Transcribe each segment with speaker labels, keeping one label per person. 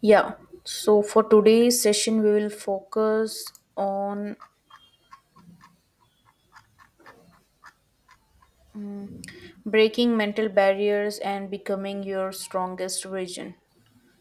Speaker 1: Yeah, so for today's session, we will focus on breaking mental barriers and becoming your strongest version.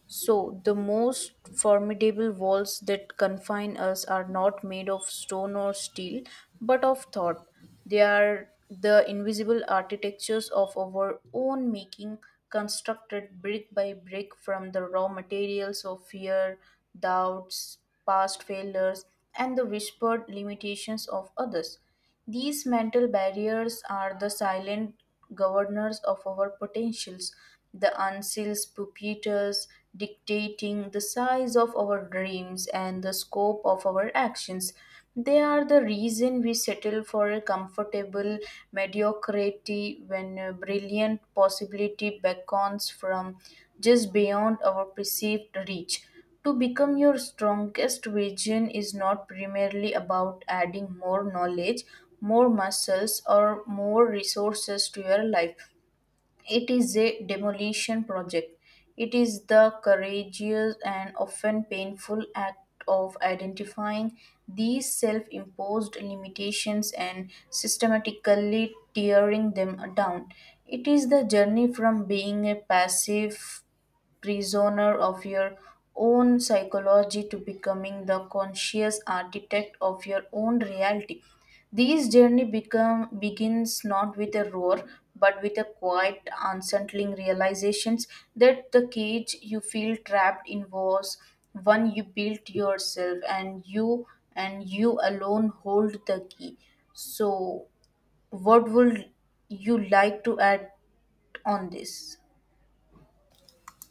Speaker 1: So, the most formidable walls that confine us are not made of stone or steel, but of thought. They are the invisible architectures of our own making, constructed brick by brick from the raw materials of fear, doubts, past failures, and the whispered limitations of others. These mental barriers are the silent governors of our potentials, the unsealed pupators dictating the size of our dreams and the scope of our actions. They are the reason we settle for a comfortable mediocrity when a brilliant possibility beckons from just beyond our perceived reach. To become your strongest version is not primarily about adding more knowledge, more muscles, or more resources to your life. It is a demolition project. It is the courageous and often painful act of identifying these self imposed limitations and systematically tearing them down. It is the journey from being a passive prisoner of your own psychology to becoming the conscious architect of your own reality. Begins not with a roar, but with a quiet, unsettling realizations that the cage you feel trapped in was one you built yourself, and you alone hold the key. So, what would you like to add on this?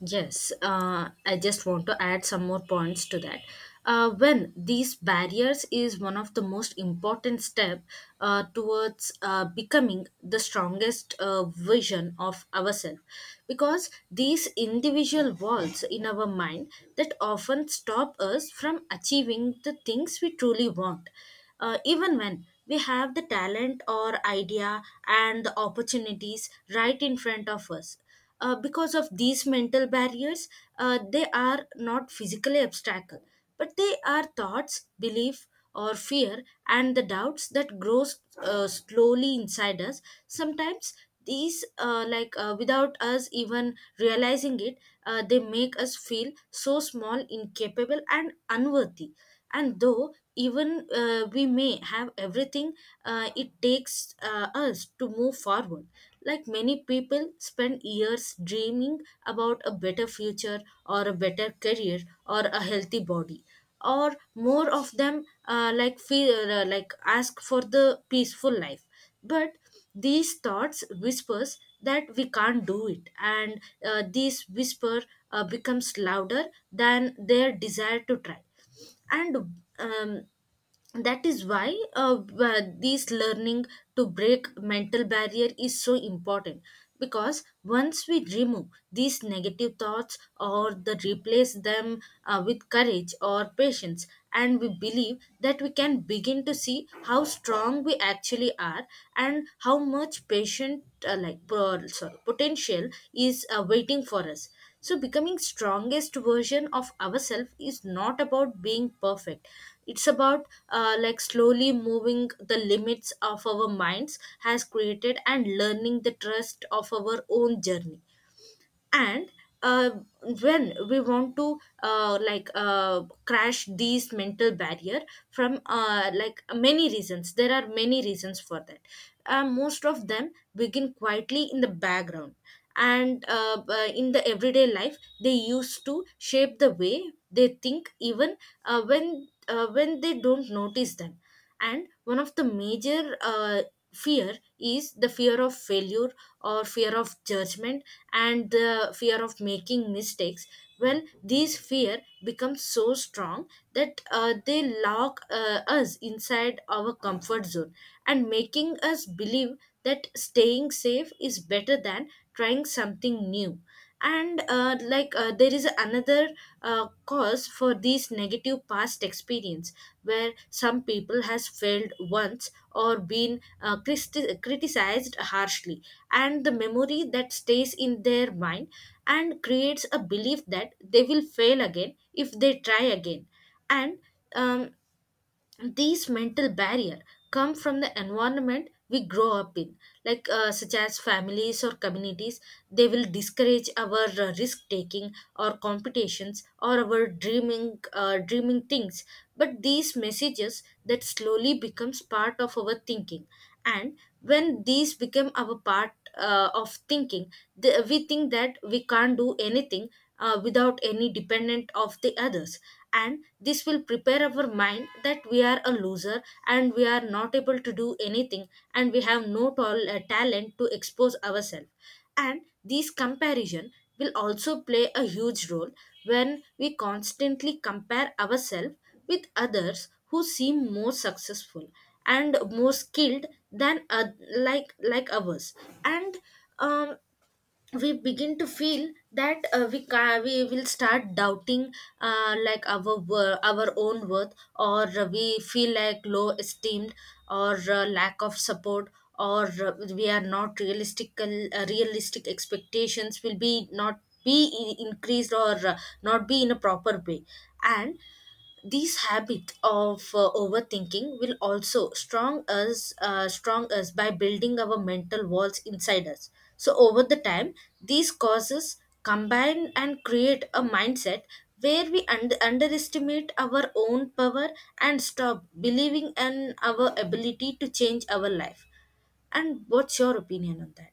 Speaker 2: Yes, I just want to add some more points to that. When these barriers is one of the most important step towards becoming the strongest vision of ourselves, because these individual walls in our mind that often stop us from achieving the things we truly want even when we have the talent or idea and the opportunities right in front of us because of these mental barriers, they are not physically obstacle, but they are thoughts, belief, or fear, and the doubts that grows slowly inside us. Sometimes these, like without us even realizing it, they make us feel so small, incapable, and unworthy and though even we may have everything it takes us to move forward, like many people spend years dreaming about a better future or a better career or a healthy body or more of them like feel like ask for the peaceful life, but these thoughts whispers that we can't do it and these whisper becomes louder than their desire to try, and um, that is why uh, this learning to break mental barrier is so important because once we remove these negative thoughts or the replace them with courage or patience and we believe that we can begin to see how strong we actually are and how much patient potential is waiting for us. So becoming strongest version of ourselves is not about being perfect, it's about slowly moving the limits of our minds has created and learning the trust of our own journey. And uh, when we want to crash these mental barrier from like many reasons there are many reasons for that. Uh, Most of them begin quietly in the background, and in the everyday life they used to shape the way they think even when they don't notice them. And one of the major fear is the fear of failure or fear of judgment and the fear of making mistakes. When these fear becomes so strong that they lock us inside our comfort zone and making us believe that staying safe is better than trying something new. And there is another cause for these negative past experience, where some people has failed once or been criticized harshly, and the memory that stays in their mind and creates a belief that they will fail again if they try again. And um, these mental barrier come from the environment we grow up in, like such as families or communities. They will discourage our risk taking or competitions or our dreaming things, but these messages that slowly becomes part of our thinking. And when these become our part of thinking, the, we think that we can't do anything without any dependent of the others. And this will prepare our mind that we are a loser and we are not able to do anything, and we have no talent to expose ourselves. And these comparison will also play a huge role when we constantly compare ourselves with others who seem more successful and more skilled than ours. And um, we begin to feel that we will start doubting our own worth, or we feel like low esteemed, or lack of support, or we are not realistic realistic expectations will be not be increased, or not be in a proper way. And this habit of overthinking will also strong us by building our mental walls inside us. So over the time, these causes combine and create a mindset where we underestimate our own power and stop believing in our ability to change our life. And what's your opinion on that?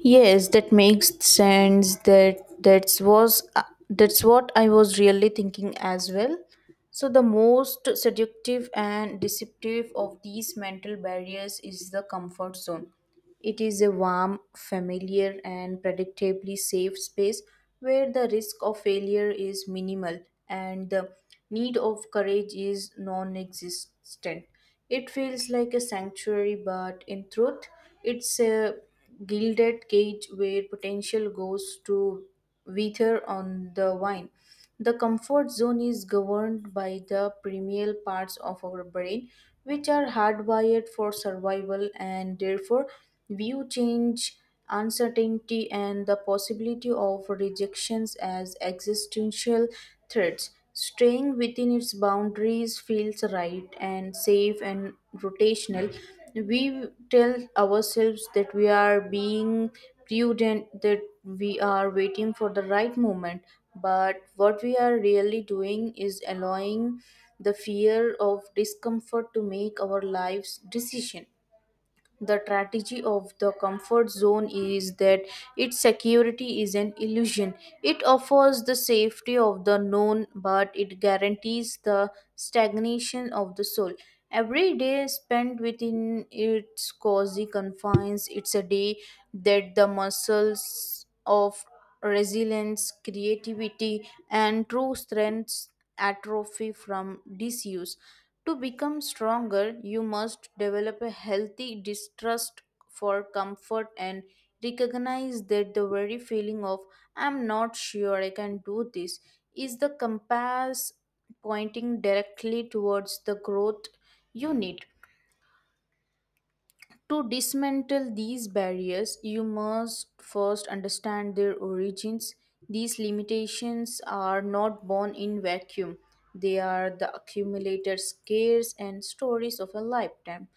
Speaker 1: Yes, that makes sense. That that's was that's what I was really thinking as well. So the most seductive and deceptive of these mental barriers is the comfort zone. It is a warm, familiar, and predictably safe space where the risk of failure is minimal and the need of courage is non existent. It feels like a sanctuary, but in truth, it's a gilded cage where potential goes to wither on the vine. The comfort zone is governed by the primal parts of our brain, which are hardwired for survival and therefore view change, uncertainty, and the possibility of rejections as existential threats. Staying within its boundaries feels right and safe and rotational. We tell ourselves that we are being prudent, that we are waiting for the right moment. But what we are really doing is allowing the fear of discomfort to make our lives decision. The tragedy of the comfort zone is that its security is an illusion. It offers the safety of the known, but it guarantees the stagnation of the soul. Every day spent within its cozy confines, it's a day that the muscles evidence of resilience, creativity, and true strengths atrophy from disuse. To become stronger, you must develop a healthy distrust for comfort and recognize that the very feeling of "I'm not sure I can do this" is the compass pointing directly towards the growth you need. To dismantle these barriers, you must first understand their origins. These limitations are not born in vacuum. They are the accumulated scares and stories of a lifetime.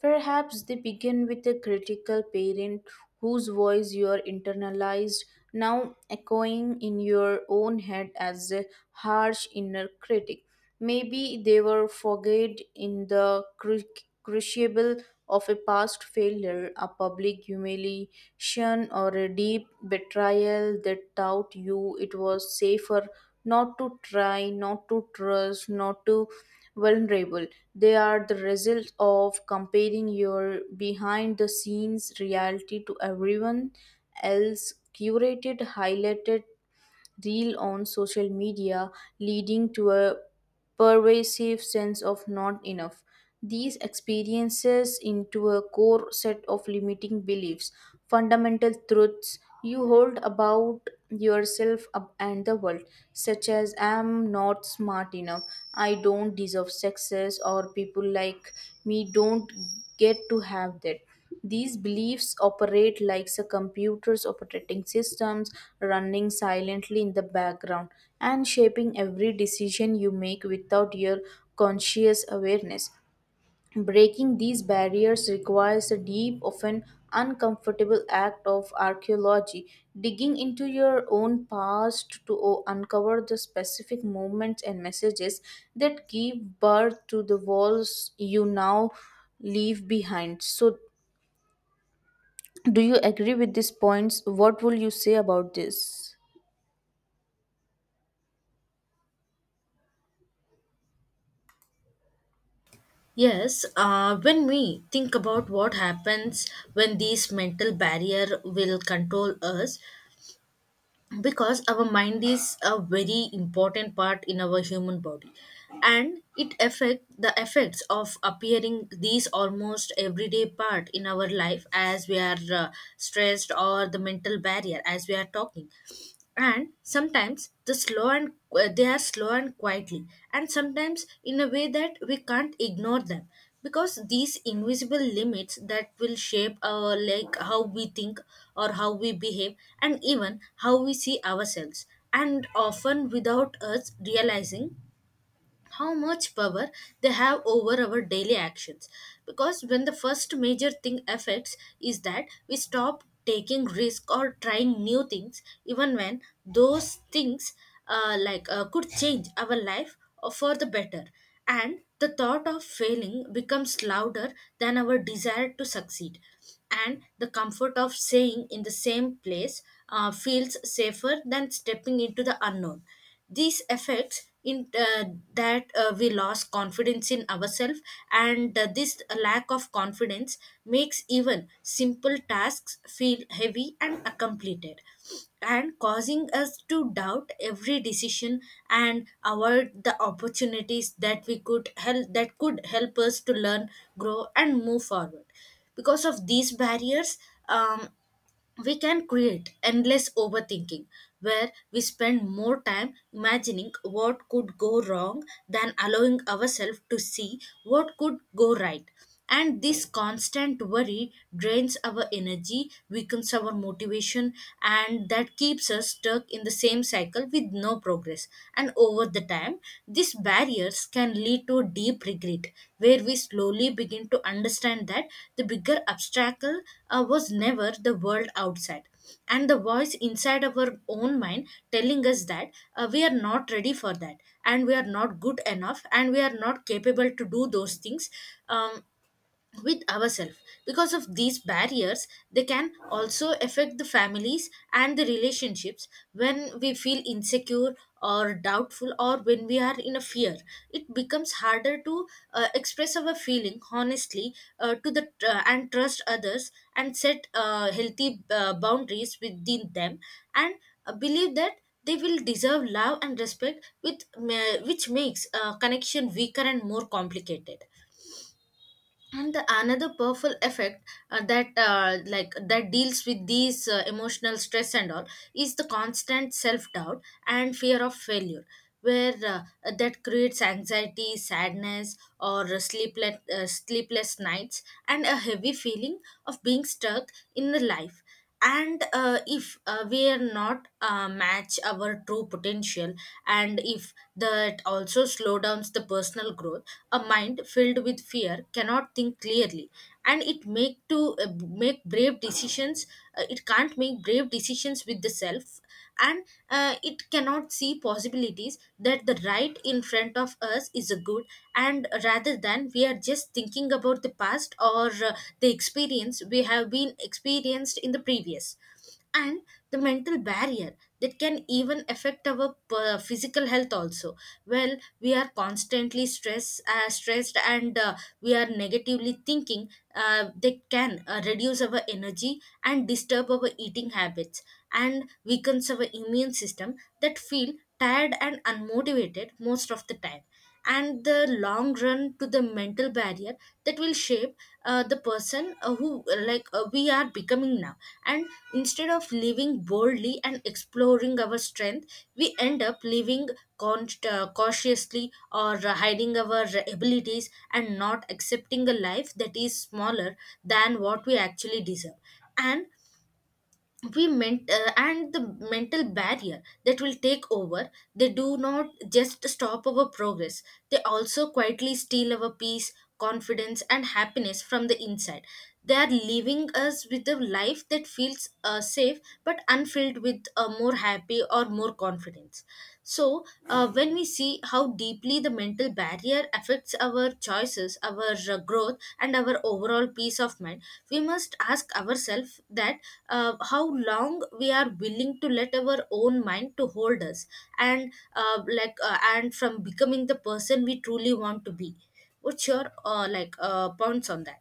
Speaker 1: Perhaps they begin with a critical parent whose voice you are internalized, now echoing in your own head as a harsh inner critic. Maybe they were forged in the crucible of a past failure, a public humiliation, or a deep betrayal that taught you it was safer not to try, not to trust, not to vulnerable. They are the result of comparing your behind the scenes reality to everyone else curated, highlighted reel on social media, leading to a pervasive sense of not enough. These experiences into a core set of limiting beliefs, fundamental truths you hold about yourself and the world, such as I am not smart enough, I don't deserve success, or people like we don't get to have that. These beliefs operate like the computers operating systems running silently in the background and shaping every decision you make without your conscious awareness. Breaking these barriers requires a deep, often uncomfortable act of archaeology, digging into your own past to uncover the specific moments and messages that give birth to the walls you now leave behind. So, do you agree with these points? What will you say about this?
Speaker 2: Yes, when we think about what happens when these mental barrier will control us, because our mind is a very important part in our human body, and it affect the effects of appearing these almost everyday part in our life as we are stressed or the mental barrier as we are talking. And sometimes they are slow and quietly, and sometimes in a way that we can't ignore them, because these invisible limits that will shape our like how we think or how we behave and even how we see ourselves, and often without us realizing how much power they have over our daily actions. Because when the first major thing affects is that we stop taking risk or trying new things, even when those things could change our life for the better, and the thought of failing becomes louder than our desire to succeed, and the comfort of staying in the same place feels safer than stepping into the unknown. These effects in that we lost confidence in ourselves, and this lack of confidence makes even simple tasks feel heavy and uncompleted, and causing us to doubt every decision and avoid the opportunities that we could help that could help us to learn, grow, and move forward. Because of these barriers, um, we can create endless overthinking where we spend more time imagining what could go wrong than allowing ourselves to see what could go right. And this constant worry drains our energy, weakens our motivation, and that keeps us stuck in the same cycle with no progress. And over the time, these barriers can lead to deep regret, where we slowly begin to understand that the bigger obstacle was never the world outside, and the voice inside our own mind telling us that we are not ready for that, and we are not good enough, and we are not capable to do those things. Um, with ourselves. Because of these barriers, they can also affect the families and the relationships. When we feel insecure or doubtful or when we are in a fear, it becomes harder to express our feeling honestly to the and trust others and set healthy boundaries within them, and believe that they will deserve love and respect with which makes connection weaker and more complicated. And the another powerful effect that deals with these emotional stress and all is the constant self doubt and fear of failure, where that creates anxiety, sadness, or sleepless nights and a heavy feeling of being stuck in the life. And if we are not match our true potential, and if that also slow downs the personal growth. A mind filled with fear cannot think clearly, and it make brave decisions, it can't make brave decisions with the self, and it cannot see possibilities that the right in front of us is a good, and rather than we are just thinking about the past, or the experience we have been experienced in the previous. And the mental barrier that can even affect our physical health also. Well we are constantly stress stressed, and we are negatively thinking, they can reduce our energy and disturb our eating habits and weakens our immune system, that feel tired and unmotivated most of the time. And the long run to the mental barrier that will shape the person who like we are becoming now. And instead of living boldly and exploring our strength, we end up living cautiously, or hiding our abilities and not accepting a life that is smaller than what we actually deserve. And we meant and the mental barrier that will take over, they do not just stop our progress, they also quietly steal our peace, confidence, and happiness from the inside. They are leaving us with a life that feels safe but unfilled with more happy or more confidence. So, when we see how deeply the mental barrier affects our choices, our growth, and our overall peace of mind, we must ask ourselves that how long we are willing to let our own mind to hold us, and and from becoming the person we truly want to be. What's your points on that?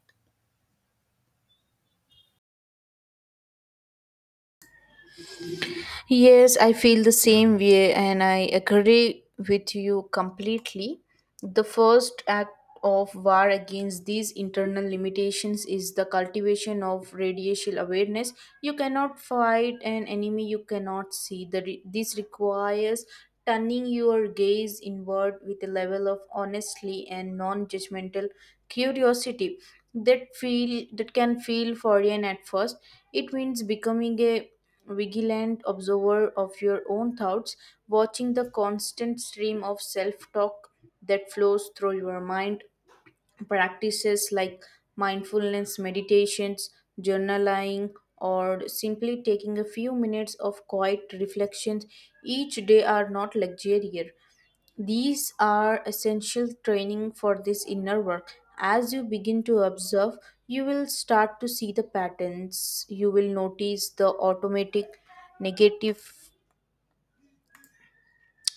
Speaker 1: Yes, I feel the same way, and I agree with you completely. The first act of war against these internal limitations is the cultivation of radiation awareness. You cannot fight an enemy you cannot see. This requires turning your gaze inward with a level of honestly and non-judgmental curiosity that feel that can feel foreign at first. It means becoming a vigilant observer of your own thoughts, watching the constant stream of self talk that flows through your mind. Practices like mindfulness meditations, journaling, or simply taking a few minutes of quiet reflections each day are not luxury, these are essential training for this inner work. As you begin to observe, you will start to see the patterns. You will notice the automatic negative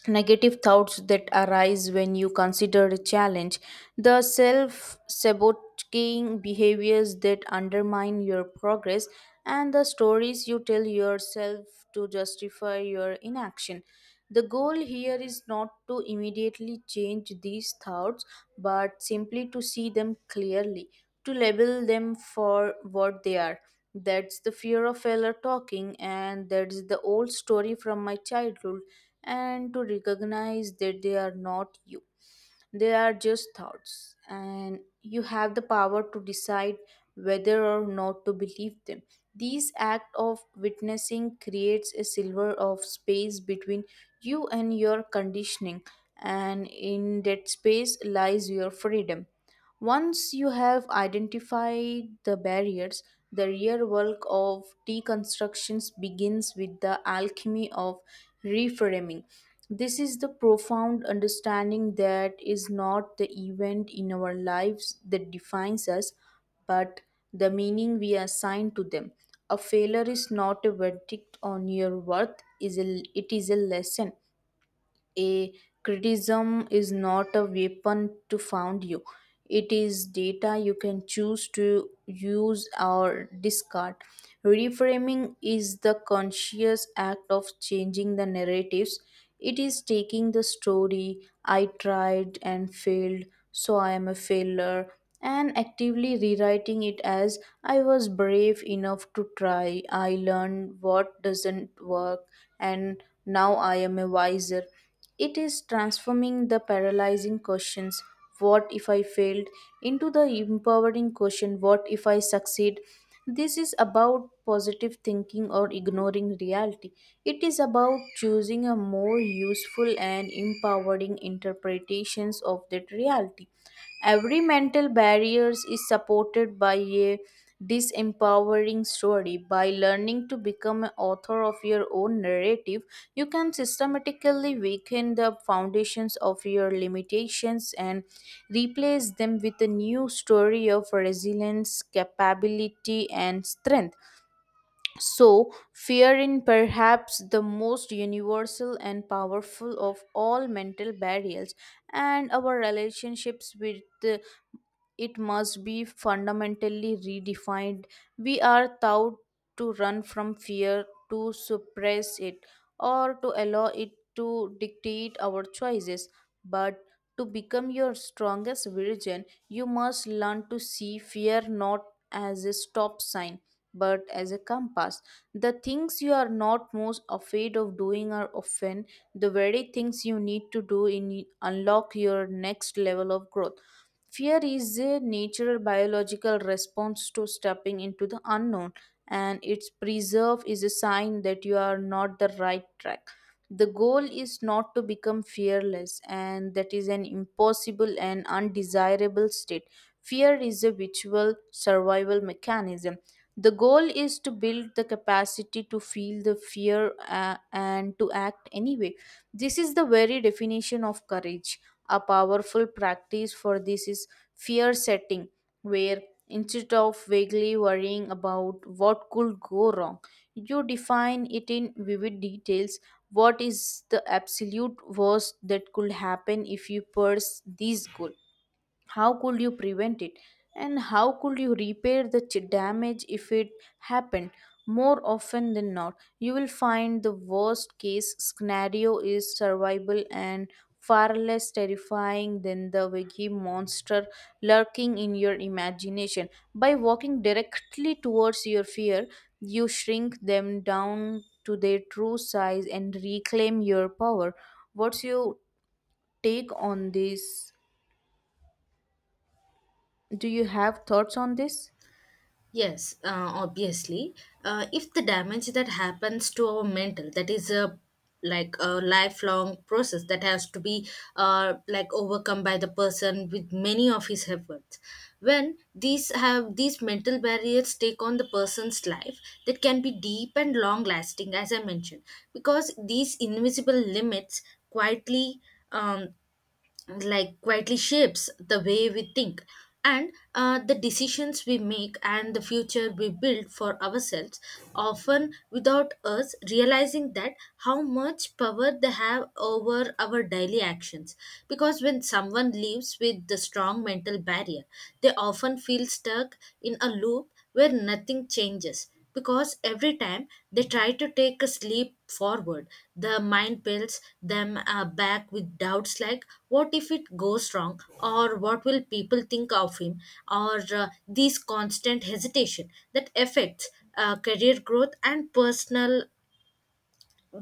Speaker 1: negative thoughts that arise when you consider a challenge, the self sabotaging behaviors that undermine your progress, and the stories you tell yourself to justify your inaction. The goal here is not to immediately change these thoughts, but simply to see them clearly, to label them for what they are. That's the fear of failure talking, and that's the old story from my childhood, and to recognize that they are not you. They are just thoughts, and you have the power to decide whether or not to believe them. This act of witnessing creates a silver of space between you and your conditioning, and in that space lies your freedom. Once you have identified the barriers, the real work of deconstructions begins with the alchemy of reframing. This is the profound understanding that is not the event in our lives that defines us, but the meaning we assign to them. A failure is not a verdict on your worth, it is a lesson. A criticism is not a weapon to found you, it is data you can choose to use or discard. Reframing is the conscious act of changing the narratives. It is taking the story, I tried and failed, so I am a failure, and actively rewriting it as, I was brave enough to try, I learned what doesn't work, and now I am a wiser. It is transforming the paralyzing questions, what if I failed, into the empowering question, what if I succeed. This is about positive thinking or ignoring reality. It is about choosing a more useful and empowering interpretations of that reality. Every mental barriers is supported by a disempowering story. By learning to become an author of your own narrative, you can systematically weaken the foundations of your limitations and replace them with a new story of resilience, capability, and strength. So, fear in perhaps the most universal and powerful of all mental barriers, and our relationships with it must be fundamentally redefined. We are taught to run from fear, to suppress it, or to allow it to dictate our choices. But to become your strongest virgin, you must learn to see fear not as a stop sign, but as a compass. The things you are not most afraid of doing are often the very things you need to do in unlock your next level of growth. Fear is a natural biological response to stepping into the unknown, and its preserve is a sign that you are not the right track. The goal is not to become fearless, and that is an impossible and undesirable state. Fear is a virtual survival mechanism. The goal is to build the capacity to feel the fear and to act anyway. This is the very definition of courage. A powerful practice for this is fear setting, where instead of vaguely worrying about what could go wrong, you define it in vivid details. What is the absolute worst that could happen if you pursue this goal? How could you prevent it? And how could you repair the damage if it happened? More often than not, you will find the worst case scenario is survival and far less terrifying than the wiki monster lurking in your imagination. By walking directly towards your fear, you shrink them down to their true size and reclaim your power. What's your take on this? Do you have thoughts on this?
Speaker 2: Yes, obviously. If the damage that happens to our mental, that is a like a lifelong process that has to be overcome by the person with many of his efforts. When these have these mental barriers take on the person's life, that can be deep and long lasting, as I mentioned, because these invisible limits quietly um, quietly shapes the way we think and the decisions we make and the future we build for ourselves, often without us realizing that how much power they have over our daily actions, because when someone lives with the strong mental barrier, they often feel stuck in a loop where nothing changes, because every time they try to take a leap forward, the mind pulls them back with doubts like, what if it goes wrong? Or what will people think of him? Or these constant hesitation that affects career growth and personal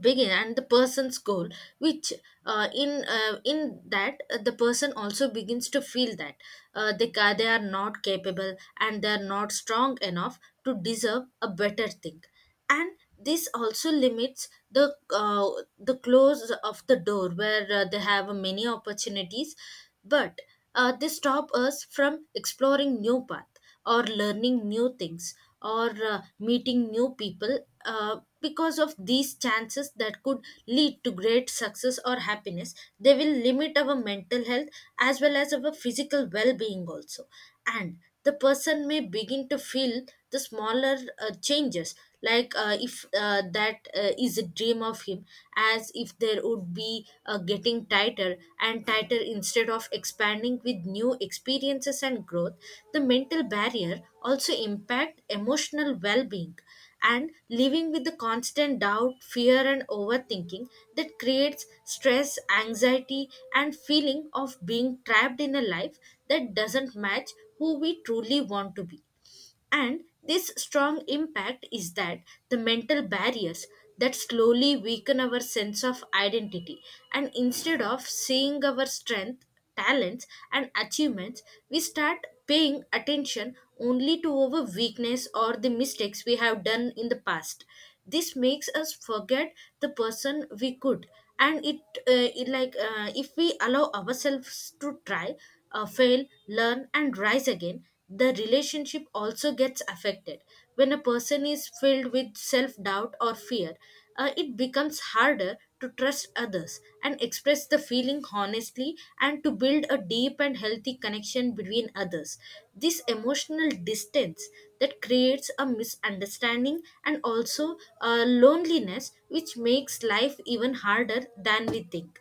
Speaker 2: begin and the person's goal, which in that the person also begins to feel that they are not capable and they are not strong enough to deserve a better thing. And this also limits the close of the door where they have many opportunities, but they stop us from exploring new path or learning new things or meeting new people, because of these chances that could lead to great success or happiness, they will limit our mental health as well as our physical well-being also. And the person may begin to feel the smaller changes, like if that is a dream of him, as if there would be getting tighter and tighter instead of expanding with new experiences and growth. The mental barrier also impact emotional well-being, and living with the constant doubt, fear, and overthinking, that creates stress, anxiety, and feeling of being trapped in a life that doesn't match who we truly want to be. And this strong impact is that the mental barriers that slowly weaken our sense of identity. And instead of seeing our strength, talents, and achievements, we start paying attention only to our weakness or the mistakes we have done in the past. This makes us forget the person we could. And it like, if we allow ourselves to try, fail, learn, and rise again, the relationship also gets affected. When a person is filled with self doubt or fear, it becomes harder to trust others and express the feeling honestly and to build a deep and healthy connection between others. This emotional distance that creates a misunderstanding and also a loneliness, which makes life even harder than we think.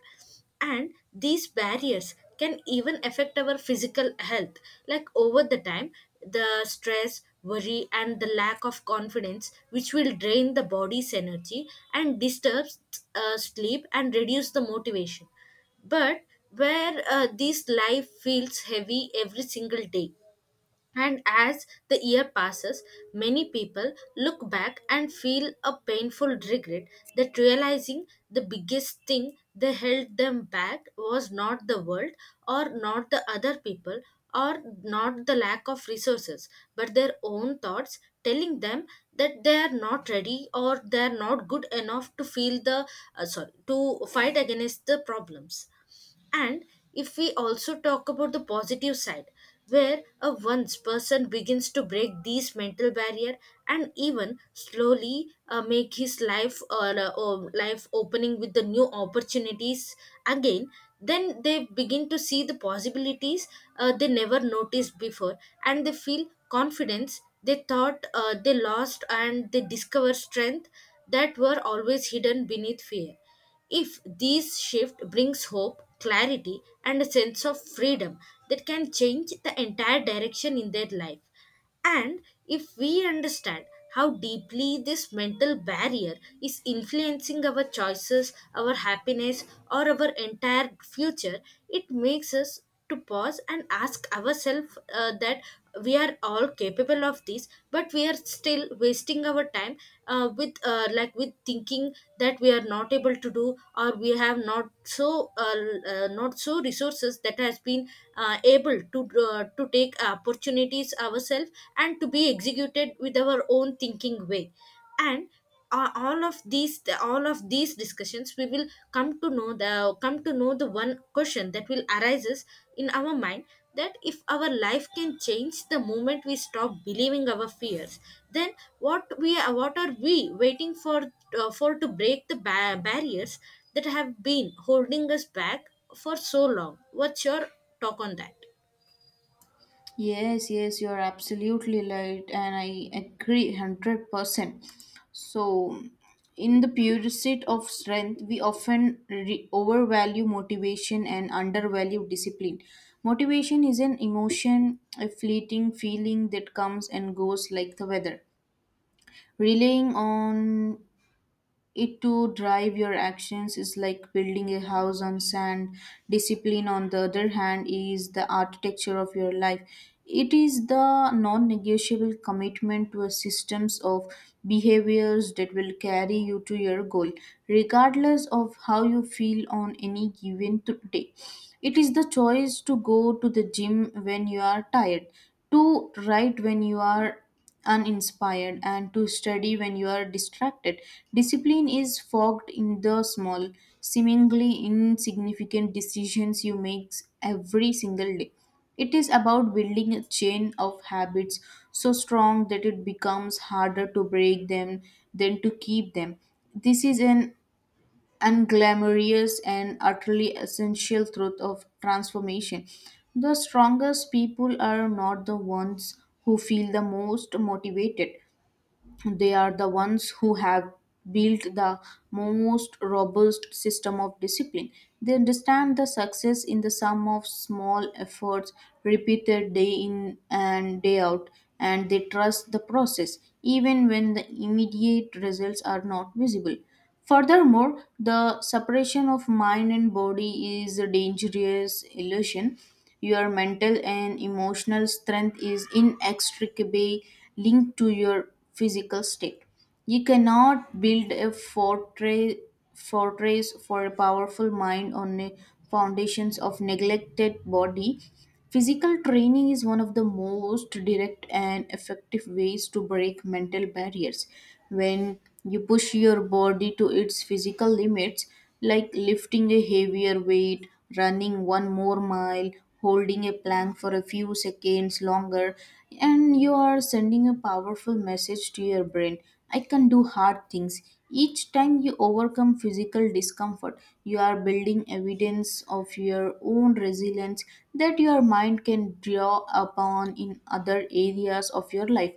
Speaker 2: And these barriers can even affect our physical health, like over the time, the stress, worry, and the lack of confidence which will drain the body's energy and disturbs sleep and reduce the motivation. But where this life feels heavy every single day, and as the year passes, many people look back and feel a painful regret, that realizing the biggest thing that held them back was not the world, or not the other people, or not the lack of resources, but their own thoughts telling them that they are not ready or they are not good enough to feel the, sorry, to fight against the problems. And if we also talk about the positive side, where a once person begins to break these mental barrier and even slowly make his life, or life opening with the new opportunities again, then they begin to see the possibilities they never noticed before, and they feel confidence they thought they lost, and they discover strength that were always hidden beneath fear. If this shift brings hope, clarity, and a sense of freedom, that can change the entire direction in their life. And if we understand how deeply this mental barrier is influencing our choices, our happiness, or our entire future, it makes us to pause and ask ourselves, that we are all capable of this but we are still wasting our time, with thinking that we are not able to do, or we have not so resources that has been able to to take opportunities ourselves and to be executed with our own thinking way. And all of these discussions, we will come to know the one question that will arises in our mind, that if our life can change the moment we stop believing our fears, then what we what are we waiting for to break the barriers that have been holding us back for so long. What's your talk on that?
Speaker 1: Yes, yes, you're absolutely right, and I agree 100%. So, in the pursuit of strength, we often overvalue motivation and undervalue discipline. Motivation is an emotion, a fleeting feeling that comes and goes like the weather. Relying on it to drive your actions is like building a house on sand. Discipline, on the other hand, is the architecture of your life. It is the non-negotiable commitment to a systems of behaviors that will carry you to your goal regardless of how you feel on any given day. It is the choice to go to the gym when you are tired, to write when you are uninspired, and to study when you are distracted. Discipline is fogged in the small, seemingly insignificant decisions you make every single day. It is about building a chain of habits so strong that it becomes harder to break them than to keep them. This is an unglamorous and utterly essential truth of transformation. The strongest people are not the ones who feel the most motivated, they are the ones who have built the most robust system of discipline. They understand the success in the sum of small efforts repeated day in and day out, and they trust the process even when the immediate results are not visible. Furthermore, the separation of mind and body is a dangerous illusion. Your mental and emotional strength is inextricably linked to your physical state. You cannot build a fortress for a powerful mind on the foundations of neglected body. Physical training is one of the most direct and effective ways to break mental barriers. When you push your body to its physical limits, like lifting a heavier weight, running one more mile, holding a plank for a few seconds longer, and you are sending a powerful message to your brain: I can do hard things. Each time you overcome physical discomfort, you are building evidence of your own resilience that your mind can draw upon in other areas of your life.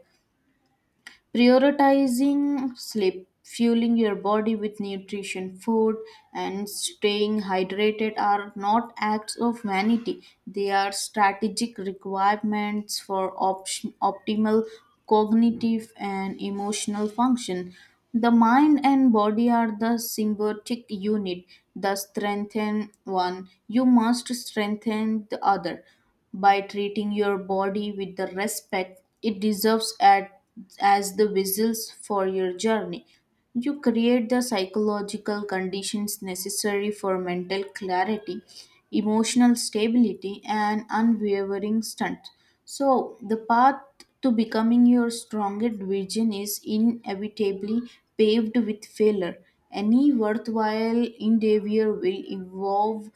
Speaker 1: Prioritizing sleep, fueling your body with nutrition, food, and staying hydrated are not acts of vanity. They are strategic requirements for optimal cognitive and emotional function. The mind and body are the symbiotic unit. The strengthen one, you must strengthen the other by treating your body with the respect it deserves as the vessels for your journey. You create the psychological conditions necessary for mental clarity, emotional stability, and unwavering strength. So, the path to becoming your strongest vision is inevitably paved with failure. Any worthwhile endeavor will involve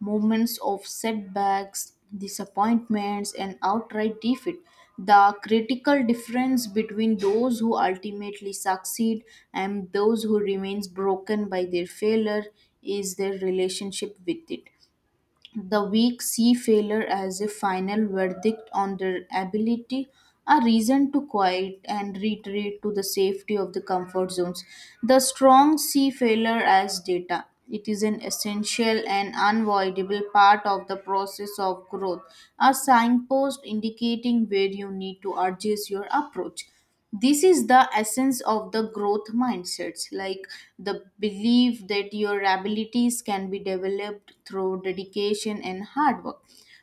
Speaker 1: moments of setbacks, disappointments, and outright defeat. The critical difference between those who ultimately succeed and those who remains broken by their failure is their relationship with it. The weak see failure as a final verdict on their ability, a reason to quiet and retreat to the safety of the comfort zones. The strong see failure as data. It is an essential and unavoidable part of the process of growth, a signpost indicating where you need to adjust your approach. This is the essence of the growth mindsets, like the belief that your abilities can be developed through dedication and hard work.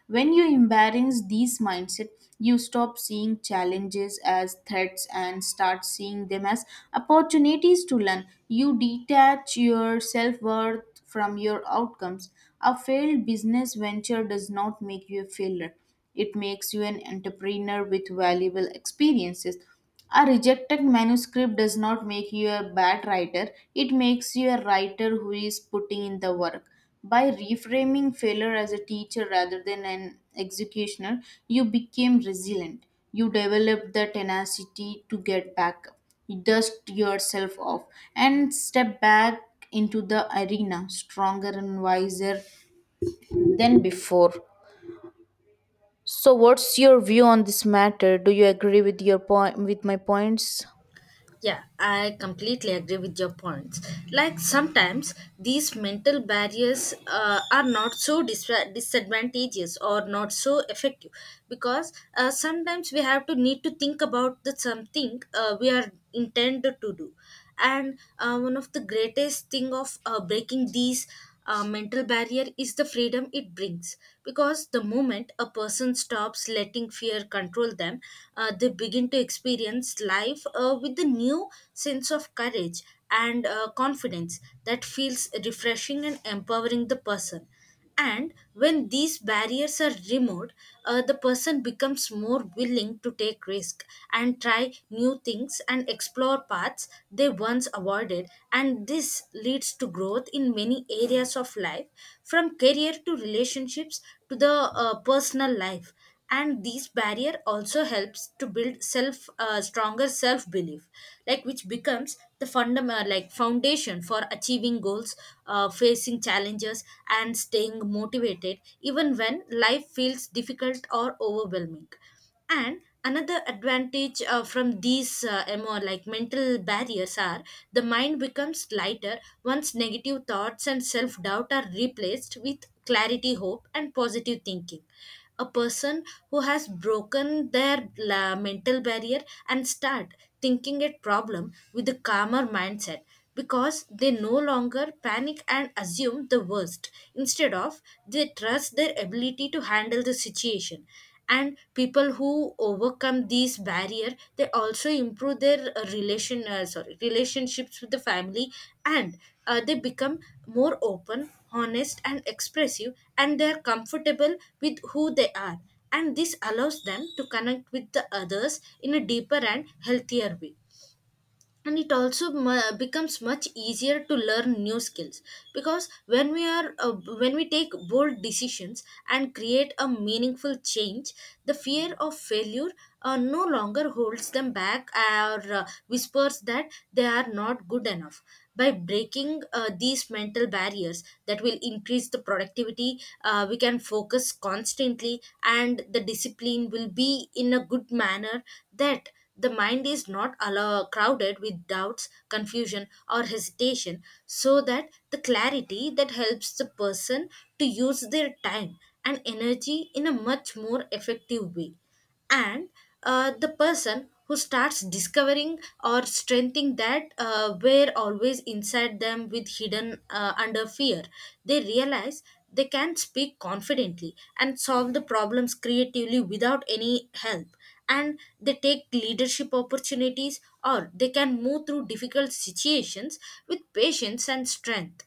Speaker 1: When you embrace these mindset, you stop seeing challenges as threats and start seeing them as opportunities to learn. You detach your self-worth from your outcomes. A failed business venture does not make you a failure, it makes you an entrepreneur with valuable experiences. A rejected manuscript does not make you a bad writer, it makes you a writer who is putting in the work. By reframing failure as a teacher rather than an executioner, you became resilient. You developed the tenacity to get back up, you dust yourself off, and step back into the arena stronger and wiser than before. So, what's your view on this matter? Do you agree with your point with my points?
Speaker 2: Yeah, I completely agree with your points. Like sometimes these mental barriers are not so disadvantageous or not so effective, because sometimes we have to need to think about the something we are intended to do. And one of the greatest thing of breaking these mental barrier is the freedom it brings, because the moment a person stops letting fear control them, they begin to experience life with a new sense of courage and confidence that feels refreshing and empowering the person. And when these barriers are removed, the person becomes more willing to take risk and try new things and explore paths they once avoided. And this leads to growth in many areas of life, from career to relationships to the personal life. And these barrier also helps to build self stronger self belief, like which becomes the fundamental, like foundation for achieving goals, facing challenges, and staying motivated even when life feels difficult or overwhelming. And another advantage, from these, like mental barriers are, the mind becomes lighter once negative thoughts and self doubt are replaced with clarity, hope, and positive thinking. A person who has broken their mental barrier and start thinking at problem with a calmer mindset, because they no longer panic and assume the worst, instead of, they trust their ability to handle the situation. And people who overcome these barrier, they also improve their relation sorry, relationships with the family. And they become more open, honest, and expressive, and they are comfortable with who they are. And this allows them to connect with the others in a deeper and healthier way. And it also becomes much easier to learn new skills, because when we take bold decisions and create a meaningful change, the fear of failure no longer holds them back or whispers that they are not good enough. By breaking these mental barriers that will increase the productivity, we can focus constantly and the discipline will be in a good manner, that the mind is not allow, crowded with doubts, confusion, or hesitation, so that the clarity that helps the person to use their time and energy in a much more effective way. And the person who starts discovering or strengthening that were always inside them, with hidden, under fear, they realize they can speak confidently and solve the problems creatively without any help, and they take leadership opportunities or they can move through difficult situations with patience and strength.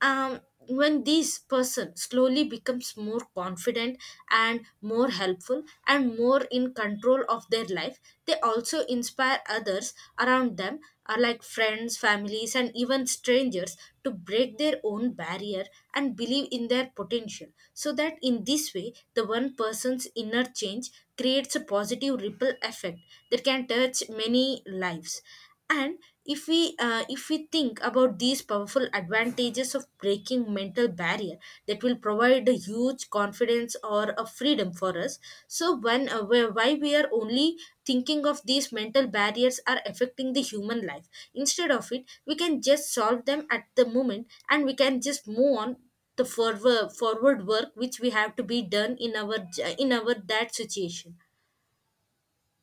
Speaker 2: um, when this person slowly becomes more confident and more helpful and more in control of their life, they also inspire others around them, are like friends, families, and even strangers, to break their own barrier and believe in their potential. So that in this way, the one person's inner change creates a positive ripple effect that can touch many lives. And if we think about these powerful advantages of breaking mental barrier that will provide a huge confidence or a freedom for us, so when why we are only thinking of these mental barriers are affecting the human life, instead of it we can just solve them at the moment and we can just move on the forward work which we have to be done in our in our that situation.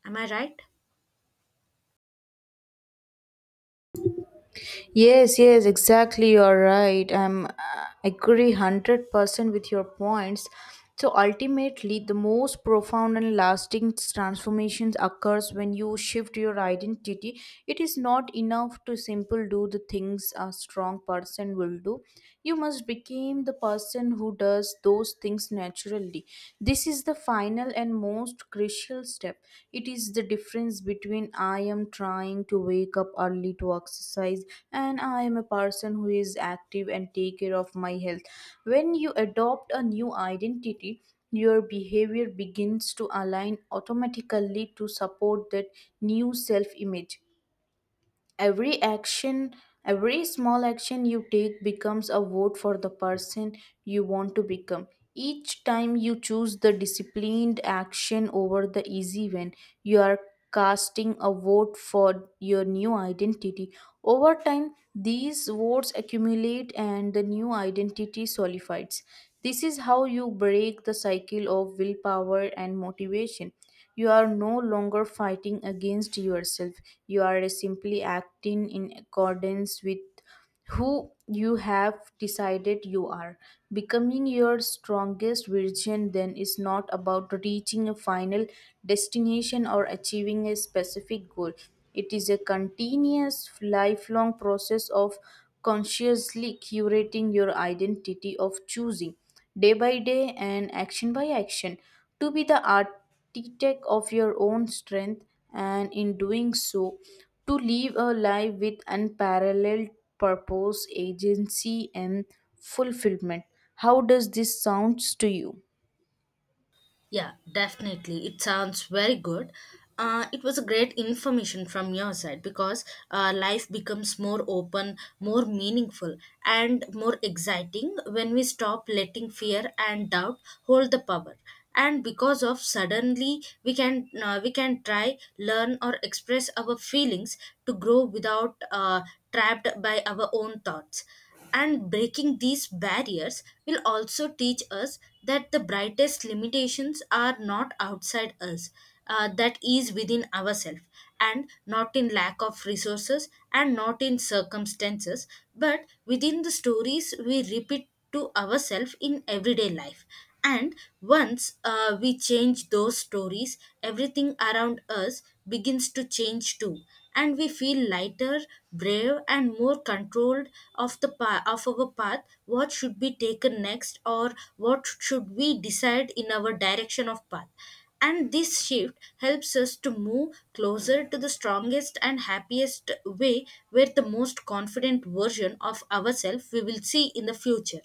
Speaker 2: Am I right?
Speaker 1: Yes, yes, exactly. You're right. I agree 100% with your points. So ultimately, the most profound and lasting transformations occurs when you shift your identity. It is not enough to simple do the things a strong person will do. You must become the person who does those things naturally fully. This is the final and most crucial step. It is the difference between I am trying to wake up early to exercise and I am a person who is active and take care of my health. When you adopt a new identity, your behavior begins to align automatically to support that new self image. Every action, every small action you take becomes a vote for the person you want to become. Each time you choose the disciplined action over the easy one, you are casting a vote for your new identity. Over time these votes accumulate and the new identity solidifies. This is how you break the cycle of willpower and motivation. You are no longer fighting against yourself. You are simply acting in accordance with who you have decided you are. Becoming your strongest version then is not about reaching a final destination or achieving a specific goal. It is a continuous, lifelong process of consciously curating your identity, of choosing day by day and action by action to be the architect of your own strength, and in doing so to live a life with unparalleled purpose, agency, and fulfillment. How does this sounds to you?
Speaker 2: Yeah, definitely. It sounds very good. It was a great information from your side, because life becomes more open, more meaningful, and more exciting when we stop letting fear and doubt hold the power. And because of suddenly we can try, learn, or express our feelings to grow without trapped by our own thoughts. And breaking these barriers will also teach us that the brightest limitations are not outside us, that is within ourselves, and not in lack of resources and not in circumstances, but within the stories we repeat to ourselves in everyday life. And once we change those stories, everything around us begins to change too. And we feel lighter, brave, and more controlled of the of our path. What should be taken next, or what should we decide in our direction of path? And this shift helps us to move closer to the strongest and happiest way where the most confident version of ourselves we will see in the future.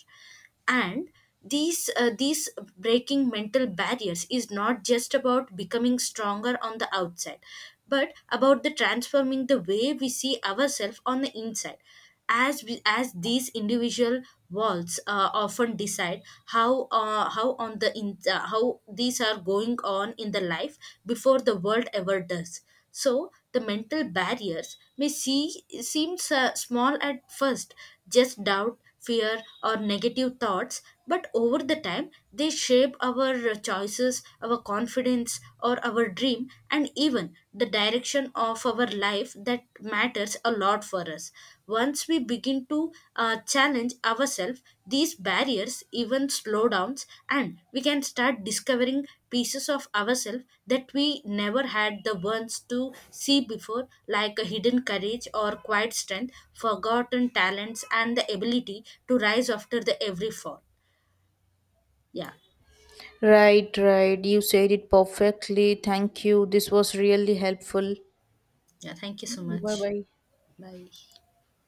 Speaker 2: And these breaking mental barriers is not just about becoming stronger on the outside, but about the transforming the way we see ourselves on the inside, as we, as these individual walls often decide how these are going on in the life before the world ever does. So the mental barriers may seem small at first, just doubt, fear, or negative thoughts, but over the time they shape our choices, our confidence, or our dream, and even the direction of our life that matters a lot for us. Once we begin to challenge ourselves, these barriers even slow downs, and we can start discovering pieces of ourselves that we never had the ones to see before, like a hidden courage or quiet strength, forgotten talents, and the ability to rise after the every fall. Yeah,
Speaker 1: Right, right, you said it perfectly. Thank you, this was really helpful.
Speaker 2: yeah. Thank you so
Speaker 1: Bye
Speaker 2: much.
Speaker 1: bye.